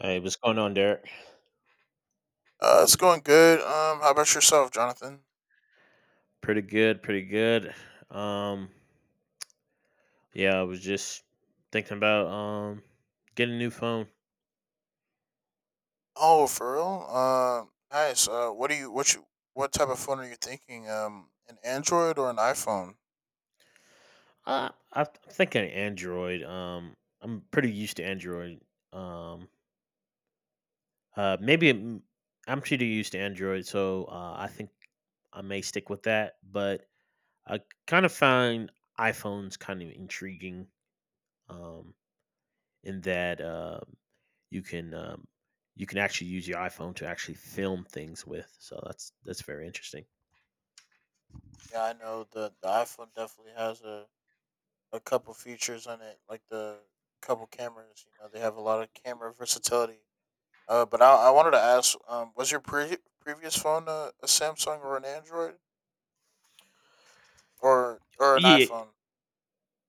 Hey, what's going on, Derek? It's going good. How about yourself, Jonathan? Pretty good, pretty good. Um, yeah, I was just thinking about getting a new phone. Oh, for real? Nice. What do you what type of phone are you thinking? An Android or an iPhone? I'm thinking Android. I'm pretty used to Android. Um, maybe I'm pretty used to Android, so I think I may stick with that. But I kind of find iPhones kind of intriguing. Um, in that you can um, you can actually use your iPhone to actually film things with. So that's very interesting. Yeah, I know the iPhone definitely has a couple features on it, like the couple cameras. You know, they have a lot of camera versatility. But I wanted to ask, was your previous phone a Samsung or an Android or an Yeah, iPhone?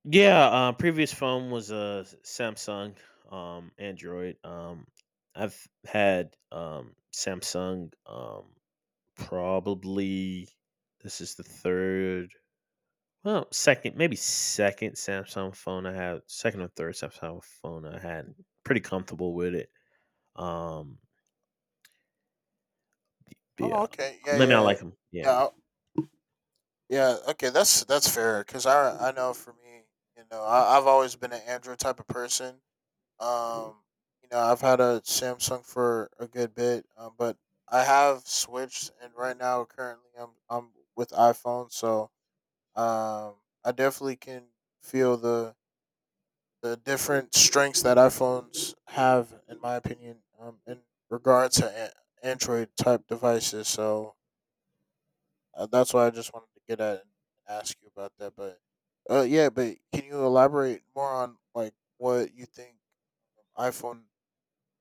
yeah. Previous phone was a Samsung Android. I've had Samsung probably this is the third, well, second, maybe second Samsung phone I have, second or third Samsung phone I had. Pretty comfortable with it. Um, Yeah. Oh, okay. Yeah, Maybe I like yeah, like 'em, yeah. yeah. Yeah, okay, that's fair because I know for me, you know, I've always been an Android type of person. Um, you know, I've had a Samsung for a good bit, but I have switched, and right now, currently, I'm with iPhone, so um, I definitely can feel the different strengths that iPhones have, in my opinion, in regard to Android type devices. So that's why I just wanted to get at and ask you about that. But yeah, but can you elaborate more on like what you think iPhone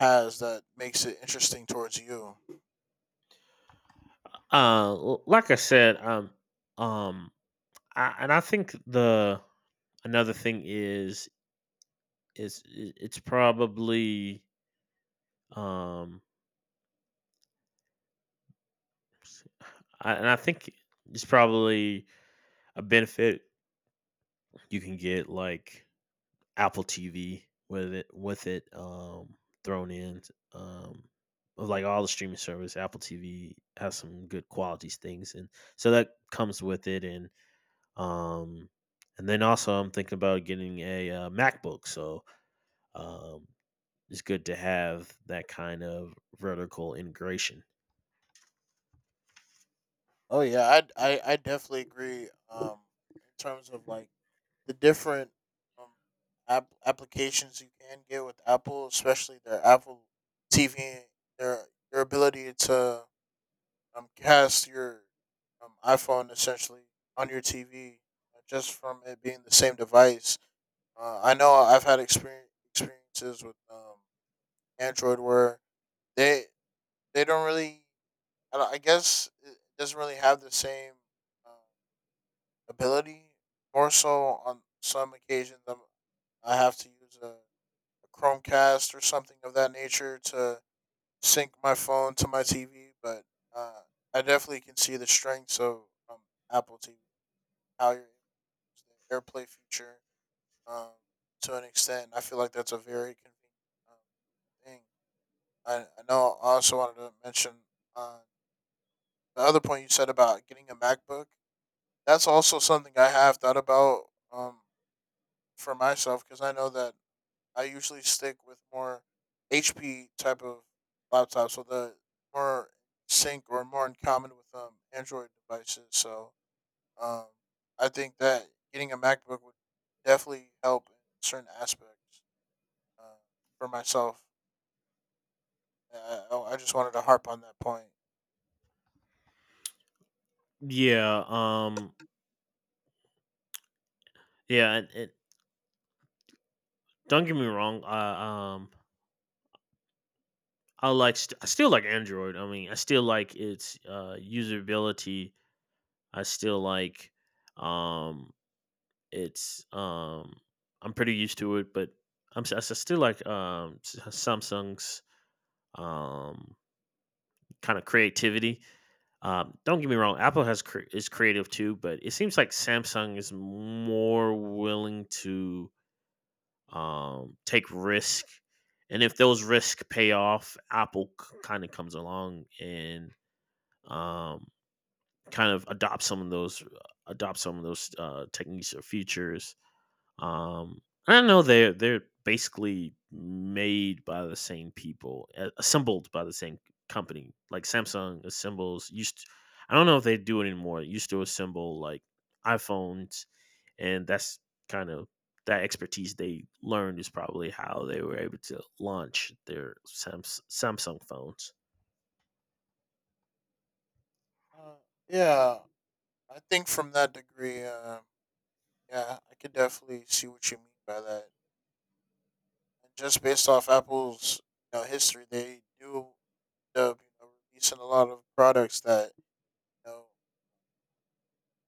has that makes it interesting towards you? L like I said, um, I think the another thing is I it's probably, um I think it's probably a benefit you can get, like, Apple TV with it, thrown in um of like all the streaming service. Apple TV has some good quality things, and so that comes with it. And um and then also I'm thinking about getting a MacBook, so um it's good to have that kind of vertical integration. Oh yeah, I definitely agree. In terms of like the different um applications you can get with Apple, especially their Apple TV, their their ability to cast your iPhone essentially on your TV, just from it being the same device. I know I've had experiences with Android where they they don't really, I guess, it doesn't really have the same uh, ability. More so on some occasions, I have to use a Chromecast or something of that nature to sync my phone to my TV, but uh, I definitely can see the strengths of um, Apple TV, how you're able to use the AirPlay feature um, to an extent. I feel like that's a very convenient thing. I know I also wanted to mention uh, the other point you said about getting a MacBook. That's also something I have thought about, um, for myself because I know that I usually stick with more HP type of laptops, so the more sync or more in common with Android devices. So um, I think that getting a MacBook would definitely help in certain aspects, uh, for myself. I just wanted to harp on that point. yeah um and don't get me wrong, I I still like Android. I mean, I still like its usability. I still like um it's I'm pretty used to it. But I'm s- I s- still like Samsung's um kind of creativity. Don't get me wrong, Apple has is creative too, but it seems like Samsung is more willing to take risk, and if those risks pay off, Apple kind of comes along and um kind of adopt some of those adopt some of those techniques or features. Um, I know they're basically made by the same people, assembled by the same company. Like Samsung assembles used. To, I don't know if they do it anymore. It used to assemble like iPhones, and that's kind of that expertise they learned is probably how they were able to launch their Samsung phones. Uh, yeah, I think from that degree, yeah, I could definitely see what you mean by that. And just based off Apple's, you know, history, they do up, you know, releasing a lot of products that, you know,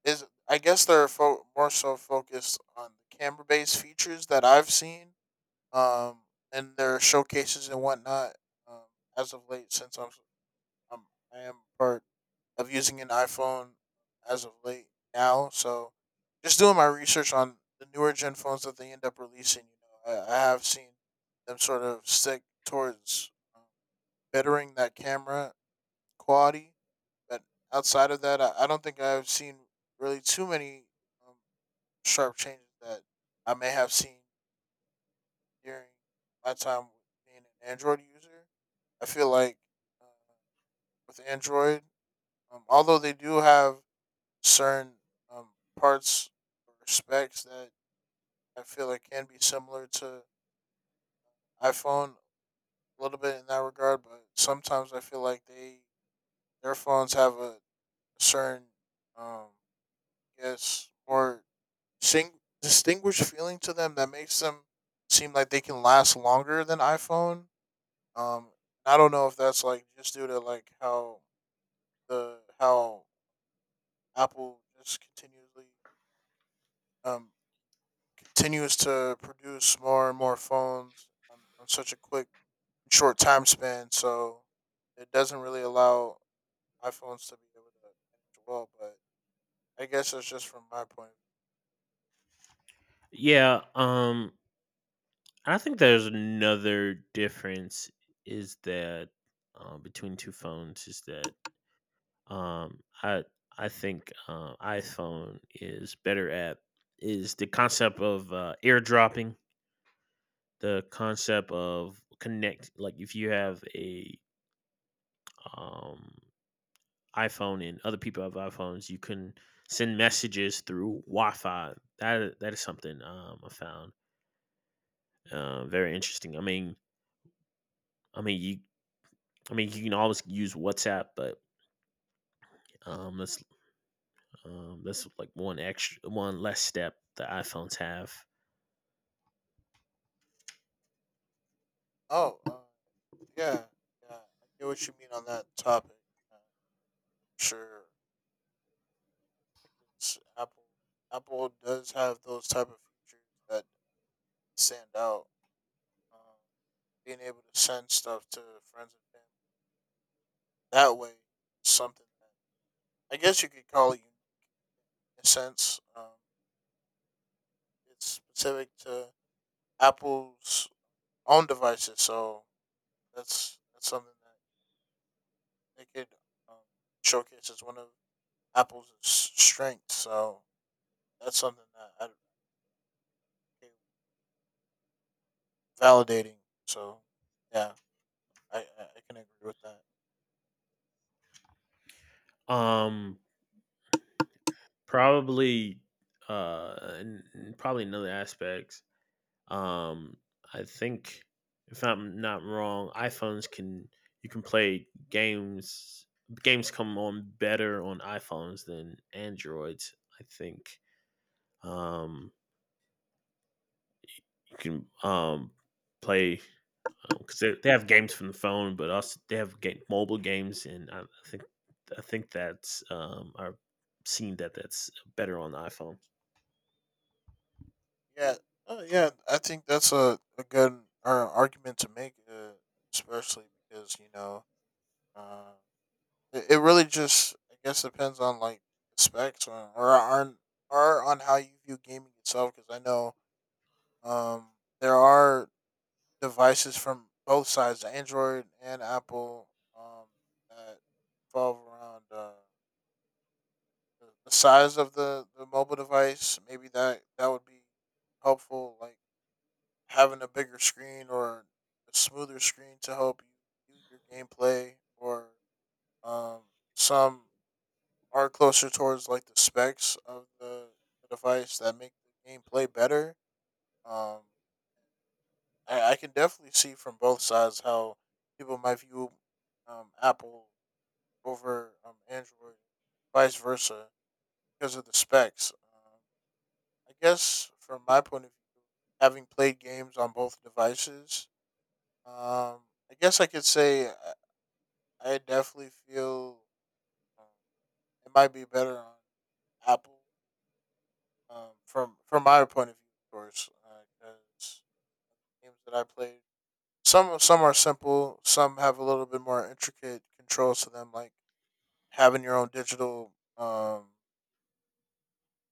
is. I guess they're more so focused on the camera-based features that I've seen, um, and their showcases and whatnot. Um, as of late, since I'm I am part of using an iPhone as of late now, so just doing my research on the newer gen phones that they end up releasing. You know, I have seen them sort of stick towards bettering that camera quality. But outside of that, I don't think I've seen really too many um, sharp changes that I may have seen during my time being an Android user. I feel like uh, with Android, although they do have certain um, parts or specs that I feel like can be similar to iPhone a little bit in that regard, but sometimes I feel like they their phones have a certain um I guess more distinguished feeling to them that makes them seem like they can last longer than iPhone. Um, I don't know if that's like just due to like how Apple just continuously um continues to produce more and more phones on such a quick short time span, so it doesn't really allow iPhones to be able to manage well. But I guess that's just from my point of view. Yeah, I think there's another difference is that between two phones is that Um, I I think iPhone is better at is the concept of airdropping, the concept of connect. Like if you have a um, iPhone and other people have iPhones, you can send messages through Wi-Fi. That is something I found very interesting. I mean you. I mean, you can always use WhatsApp, but um, that's that's like one extra, one less step that iPhones have. Oh, yeah, yeah, I get what you mean on that topic. Uh, Sure, because Apple does have those type of features that stand out. Um, Being able to send stuff to friends and family that way, is something that I guess you could call it unique in a sense. It's specific to Apple's own devices, so that's something that they could, um, showcase as one of Apple's strengths. So that's something that I validating. So yeah. I can agree with that. Um, Probably, probably in other aspects. Um, I think if I'm not wrong, iPhones can you can play games. Games come on better on iPhones than Androids. I think um, you can play because they have games from the phone, but also they have mobile games, and I think that's I've seen that that's better on the iPhone. Yeah, yeah. I think that's a good argument to make, especially because you know, uh, it really just I guess depends on like specs or or on how you view gaming itself. Because I know um there are devices from both sides, Android and Apple, um that revolve around the size of the mobile device. Maybe that would be helpful, like having a bigger screen or a smoother screen to help you do your gameplay or, um, some are closer towards like the specs of the device that make the gameplay better. Um, I can definitely see from both sides how people might view Apple over Android, vice versa, because of the specs. I guess from my point of view, having played games on both devices, Um, I guess I could say I definitely feel um, it might be better on Apple. From my point of view, of course, because games that I played, some are simple, some have a little bit more intricate controls to them, like having your own digital um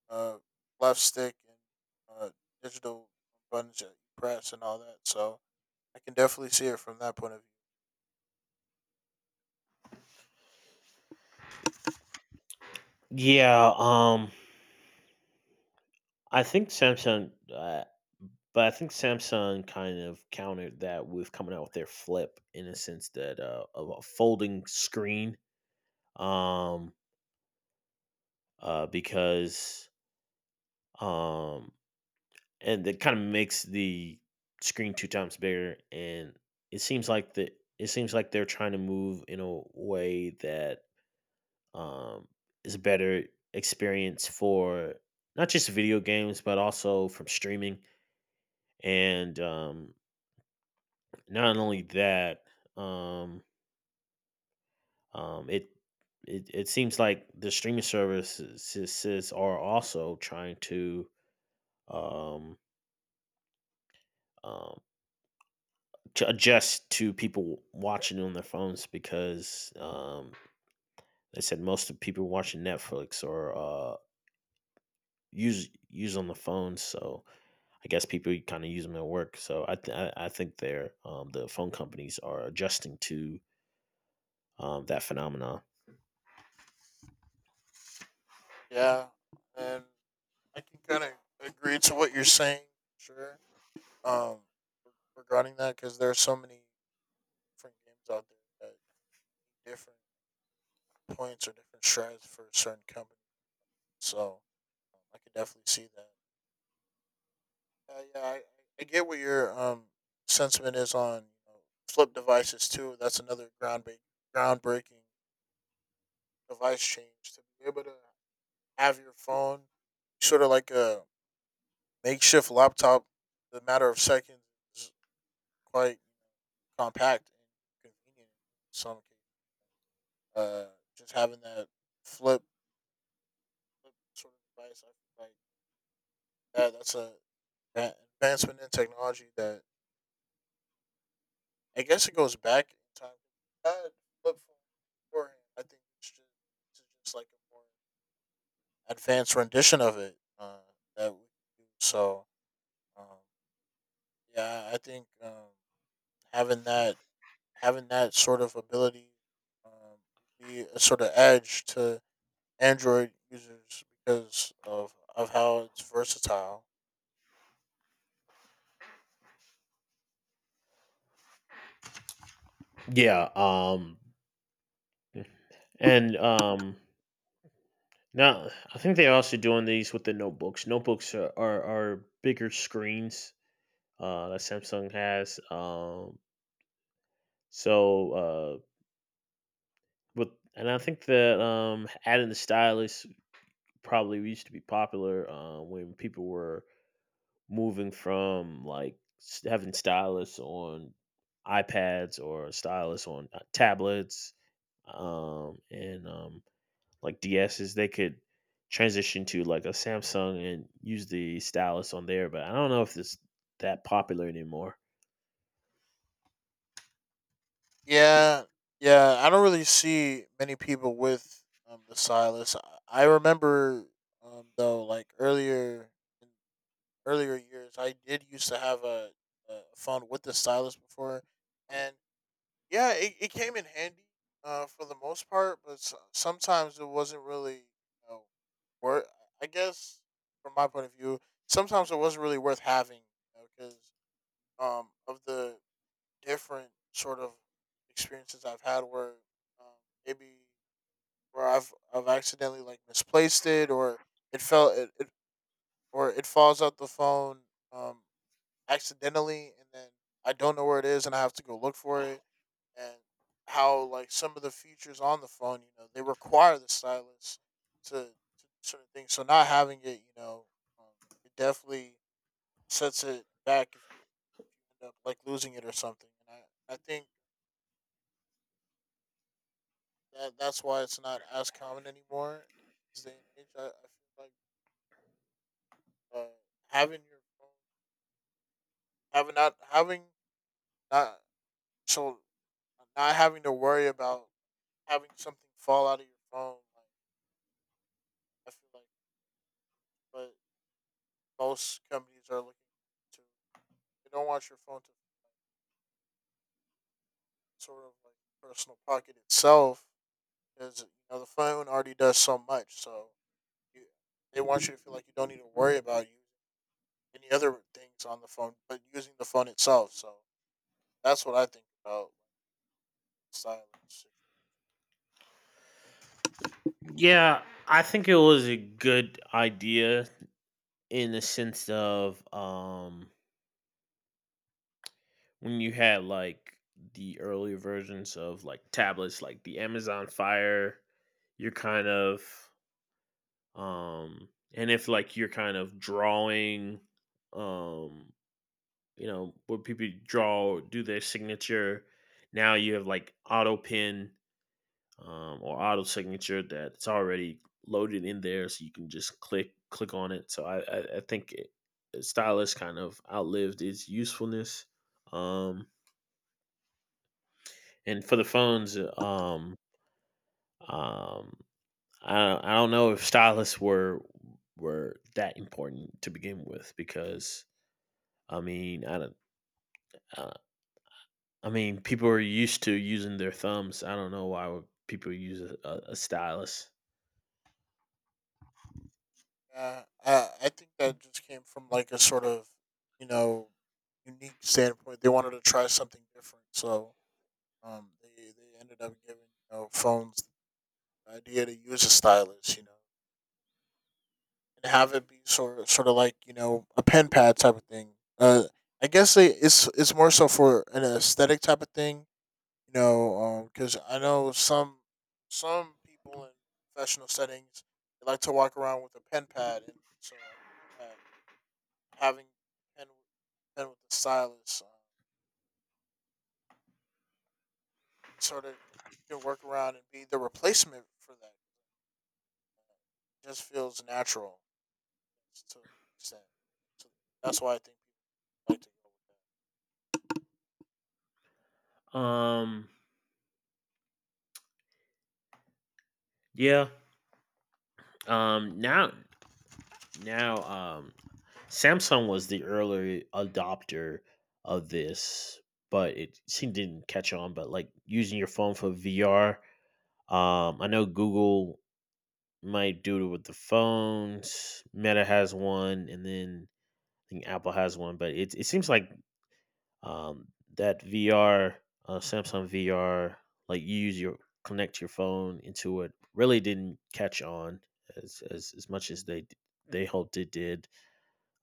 uh left stick and uh digital buttons that you press and all that. So I can definitely see it from that point of view. Yeah. Um, I think Samsung, but I think Samsung kind of countered that with coming out with their flip, in a sense that of a folding screen, um, because um, and it kind of makes the screen two times bigger, and it seems like the it seems like they're trying to move in a way that um, is a better experience for not just video games but also from streaming and not only that, um, um, it it, it seems like the streaming services are also trying um, um, to adjust to people watching on their phones, because they said most of people watching Netflix or use on the phone. So I guess people kind of use them at work. So I think they're the phone companies are adjusting to that phenomenon. Yeah, and I can kind of agree to what you're saying, sure. Um, Regarding that, because there are so many different games out there that need different points or different strategies for certain companies. So, I could definitely see that. Yeah, I get what your sentiment is on, you know, flip devices too. That's another groundbreaking device change to be able to have your phone sort of like a makeshift laptop, the matter of seconds, is quite compact and convenient. In some cases, uh, just having that flip, flip sort of device, I feel like that's a that advancement in technology that I guess it goes back in time. That flip phone beforehand, I think it's just like a more advanced rendition of it, that we do. So um, yeah, I think having that having that sort of ability um, be a sort of edge to Android users because of how it's versatile. Yeah. And now I think they're also doing these with the notebooks. Notebooks are are bigger screens that Samsung has. So with and I think that adding the stylus probably used to be popular when people were moving from like having stylus on iPads or stylus on tablets and like DSs, they could transition to like a Samsung and use the stylus on there. But I don't know if it's that popular anymore. Yeah, yeah. I don't really see many people with the stylus. I remember, though, like earlier in earlier years, I did used to have a phone with the stylus before, and yeah, it came in handy for the most part, but sometimes it wasn't really, you know, worth. I guess from my point of view, sometimes it wasn't really worth having because, of the different sort of experiences I've had where, um, maybe where I've accidentally like misplaced it or it fell it, it or it falls out the phone. Um, Accidentally and then I don't know where it is and I have to go look for it and how like some of the features on the phone, you know, they require the stylus to do certain things. So not having it, you know, um, it definitely sets it back if you end up like losing it or something. And I think that that's why it's not as common anymore. In this day and age, I feel like uh, having your phone, having not so not having to worry about having something fall out of your phone. Like I feel like, but most companies are looking to they don't want your phone to, like, sort of like personal pocket itself because you know the phone already does so much. So you, they want you to feel like you don't need to worry about you any other things on the phone, but using the phone itself. So that's what I think about like, silence. Yeah, I think it was a good idea in the sense of when you had like the earlier versions of like tablets, like the Amazon Fire, you're kind of um, and if like you're kind of drawing um you know, where people draw, do their signature. Now you have like auto pin, or auto signature that's already loaded in there, so you can just click on it. So I think stylus kind of outlived its usefulness. Um, and for the phones, um, I I don't know if stylus were that important to begin with, because I mean I don't. I mean, people are used to using their thumbs. I don't know why would people use a stylus. I think that just came from like a sort of, you know, unique standpoint. They wanted to try something different, so, they ended up giving, you know, phones the idea to use a stylus, you know, and have it be sort of like, you know, a pen pad type of thing. I guess it's more so for an aesthetic type of thing, you know, because I know some people in professional settings they like to walk around with a pen pad, and so I think that having pen pen with the stylus sort of can work around and be the replacement for that. It just feels natural to an extent. So that's why I think people like to go with Um, yeah. Um, now, Now, Samsung was the early adopter of this, but it seemed didn't catch on. But like using your phone for VR, I know Google might do it with the phones. Meta has one, and then I think Apple has one. But it seems like um, that VR, Samsung VR, like you use your connect your phone into it, really didn't catch on as much as they hoped it did.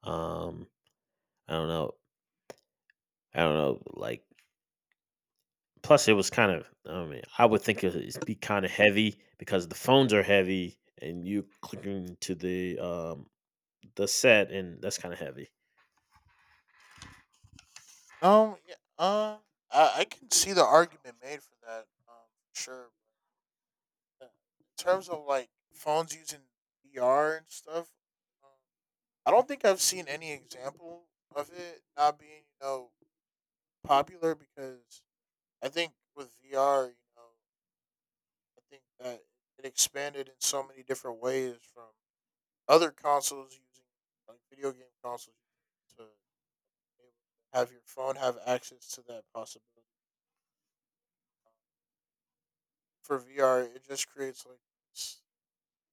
Um, I don't know, I don't know. Like, plus it was kind of, I mean, I would think it'd be kind of heavy because the phones are heavy, and you clicking to the set, and that's kind of heavy. that. Yeah, uh, I can see the argument made for that, sure. But in terms of like phones using VR and stuff, um, I don't think I've seen any example of it not being, you know, popular because I think with VR, you know, I think that it expanded in so many different ways from other consoles using like video game consoles to have your phone have access to that possibility. For VR, it just creates like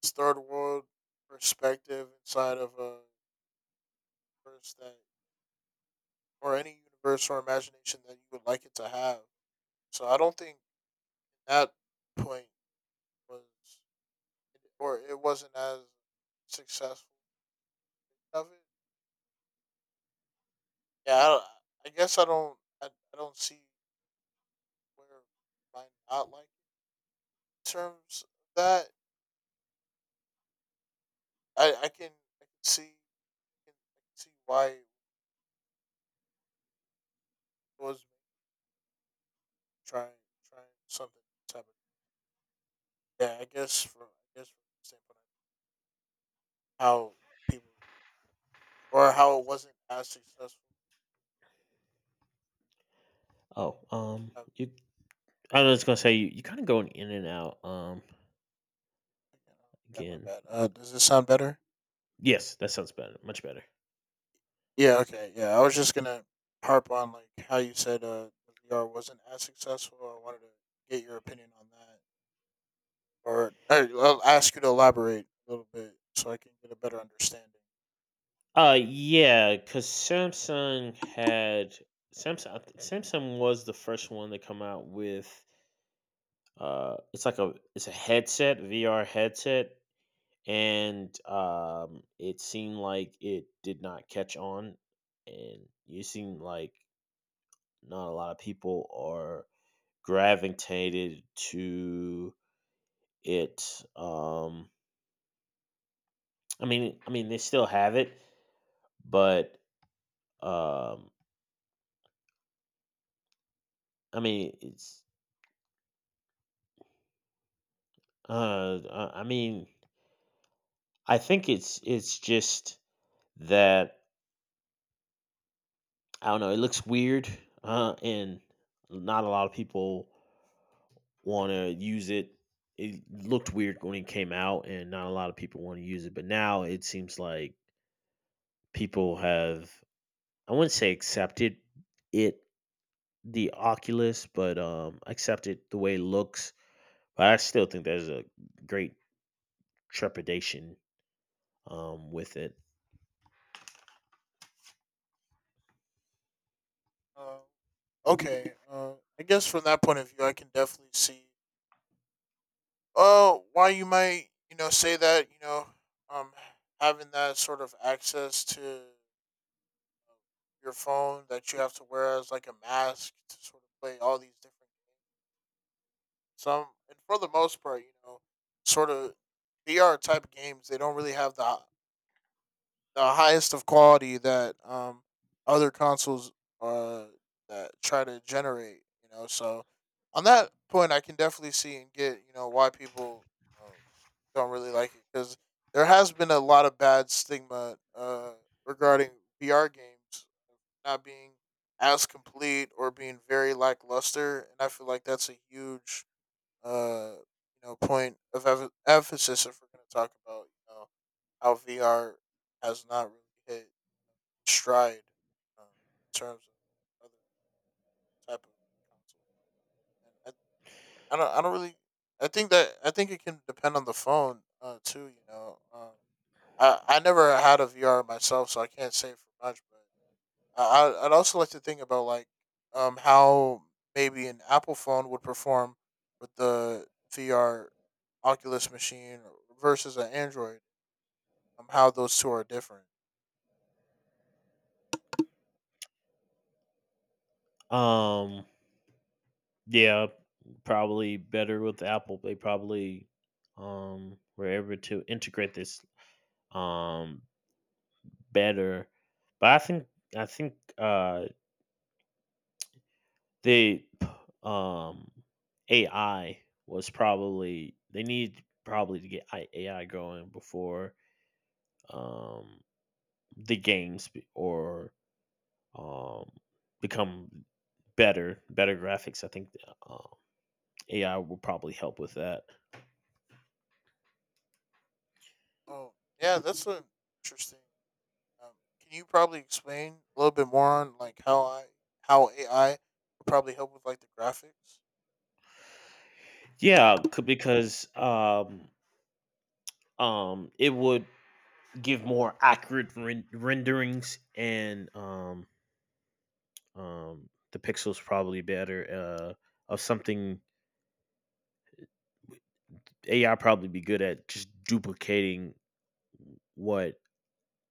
this third world perspective inside of a universe that, or any universe or imagination that you would like it to have. So I don't think that point was, or it wasn't as successful of it. Yeah, I, I don't see where it might not like. Terms of that, I can I can see I can see why it was trying trying something type of yeah. I guess from the standpoint of how people or how it wasn't as successful. Oh, Um, you. I was gonna say you kind of going in and out. You know, yeah, my Again, bad. Does this sound better? yes, that sounds better. Much better. Yeah. Okay. Yeah. I was just gonna harp on like how you said the VR wasn't as successful. I wanted to get your opinion on that, or I'll ask you to elaborate a little bit so I can get a better understanding. Yeah, because Samsung, I think Samsung was the first one to come out with it's like a it's a headset, VR headset, and it seemed like it did not catch on, and you seem like not a lot of people are gravitated to it. I mean they still have it, but um I mean, it's uh, I mean, I think it's just that I don't know. It looks weird, and not a lot of people want to use it. It looked weird when it came out, and not a lot of people want to use it. But now it seems like people have I wouldn't say accepted it the Oculus, but accepted the way it looks. But I still think there's a great trepidation with it. Uh, okay. I guess from that point of view, I can definitely see why you might, you know, say that, you know, um, having that sort of access to your phone that you have to wear as like a mask to sort of play all these different games. And for the most part, you know, sort of VR type games, they don't really have the highest of quality that other consoles uh that try to generate. You know, so on that point, I can definitely see and get you know why people you know, don't really like it because there has been a lot of bad stigma regarding VR games not being as complete or being very lackluster, and I feel like that's a huge uh, you know, point of emphasis if we're going to talk about, you know, how VR has not really hit stride um, in terms of other type of consoles. And I don't really, I think it can depend on the phone too. You know, I never had a VR myself, so I can't say for much, but. I'd also like to think about like how maybe an Apple phone would perform with the VR Oculus machine versus an Android. How those two are different. Um, yeah, probably better with Apple. They probably were able to integrate this um better. But I think they um AI was probably they need probably to get AI going before um the games be- or um become better graphics. I think um, AI will probably help with that. Oh yeah, interesting. Um, can you probably explain a little bit more on how AI would probably help with like the graphics? Yeah, because it would give more accurate renderings, and the pixels probably better. Of something AI probably be good at just duplicating what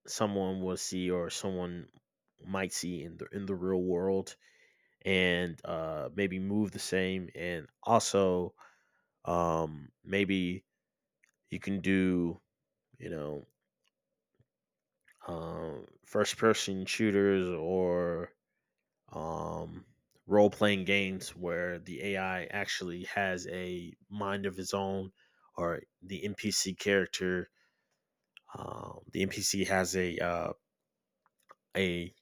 someone will see or someone might see in the real world, and maybe move the same, and also maybe you can do you know first person shooters or um, role playing games where the AI actually has a mind of its own, or the NPC character, the NPC has a a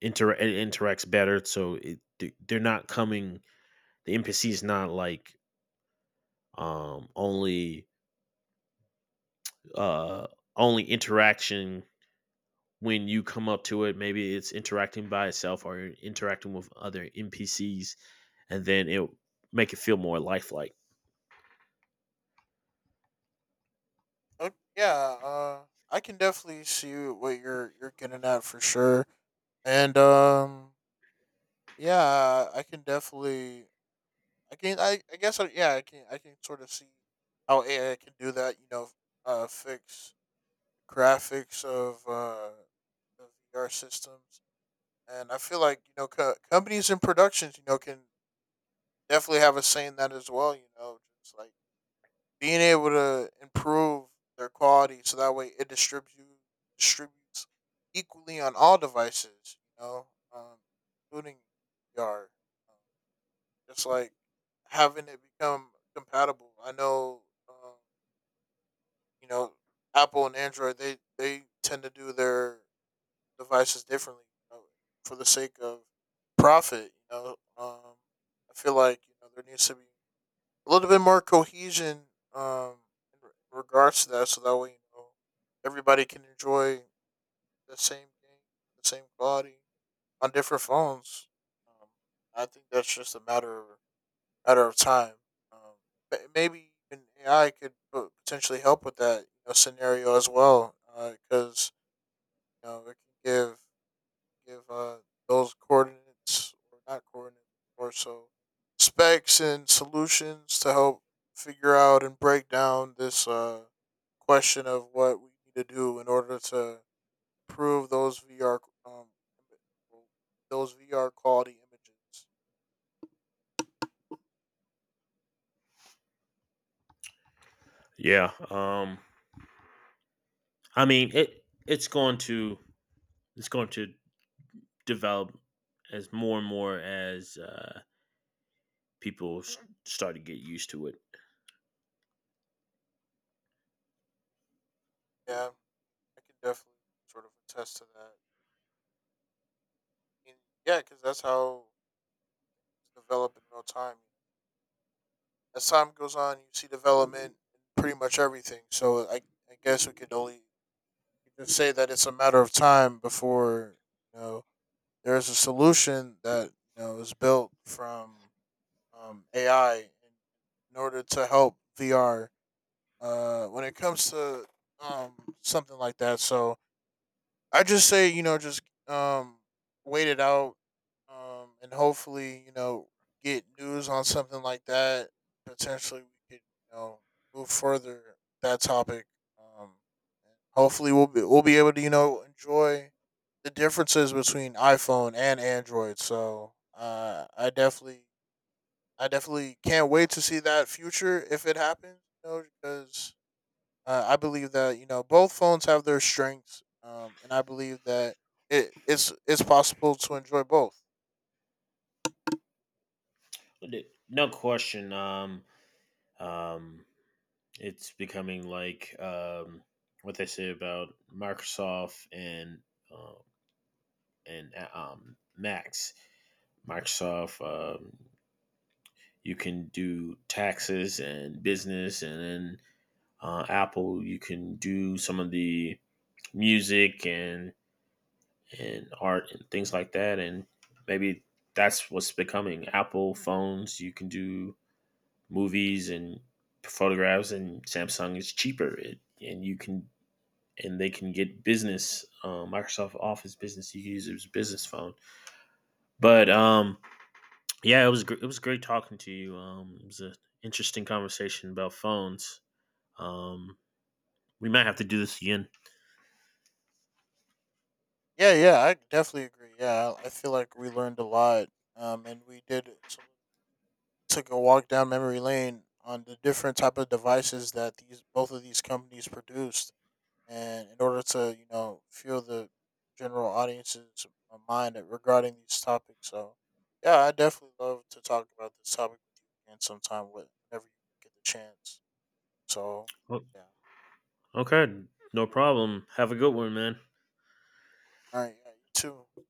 inter it interacts better, so it, they- they're not coming. The NPC is not like only uh, only interaction when you come up to it, maybe it's interacting by itself or interacting with other NPCs, and then it will make it feel more lifelike. Oh yeah, uh, I can definitely see what you're getting at for sure, and. Yeah, I can definitely I can I guess I, yeah I can sort of see how AI can do that. You know, fix graphics of the VR systems, and I feel like you know companies and productions you know can definitely have a say in that as well. You know, just like being able to improve their quality so that way it distributes equally on all devices. You know, um, including VR just like having it become compatible. I know, um, you know, Apple and Android they tend to do their devices differently you know, for the sake of profit. You know, I feel like you know there needs to be a little bit more cohesion um, in regards to that, so that way you know everybody can enjoy the same game, the same quality on different phones. Um, I think that's just a matter of time. Um, maybe even AI could potentially help with that you know, scenario as well, because you know it can give give those coordinates or not coordinates or so specs and solutions to help figure out and break down this question of what we need to do in order to improve those VR um, those VR quality images. Yeah. It's going to it's going to develop as more and more as people start to get used to it. Yeah, I can definitely sort of attest to that. And yeah, because that's how it's developed in real time. As time goes on, you see development in pretty much everything. I guess we could only you could say that it's a matter of time before you know there is a solution that you know is built from AI in order to help VR when it comes to um, something like that. So I just say, you know, just um wait it out, and hopefully, you know, get news on something like that. Potentially, we could, you know, move further with that topic. Um, and hopefully, we'll be able to, you know, enjoy the differences between iPhone and Android. So, I definitely can't wait to see that future if it happens. You know, because I believe that you know both phones have their strengths, and I believe that it's possible to enjoy both. No question. Um. It's becoming like what they say about Microsoft um and Max Microsoft. You can do taxes and business, and then Apple. You can do some of the music and art and things like that. And maybe that's what's becoming Apple phones. You can do movies and photographs, and Samsung is cheaper. It, and you can and they can get business Microsoft Office business. You can use it as a business phone, but yeah, it was it was great talking to you. It was an interesting conversation about phones. Um, we might have to do this again. Yeah, yeah, I definitely agree. Yeah, I feel like we learned a lot, and took a walk down memory lane on the different type of devices that these both of these companies produced and in order to you know fuel the general audience's mind regarding these topics. So yeah, I definitely love to talk about this topic with you again sometime whenever you get the chance. So O- yeah, Okay, no problem. Have a good one, man. all right, yeah, you too.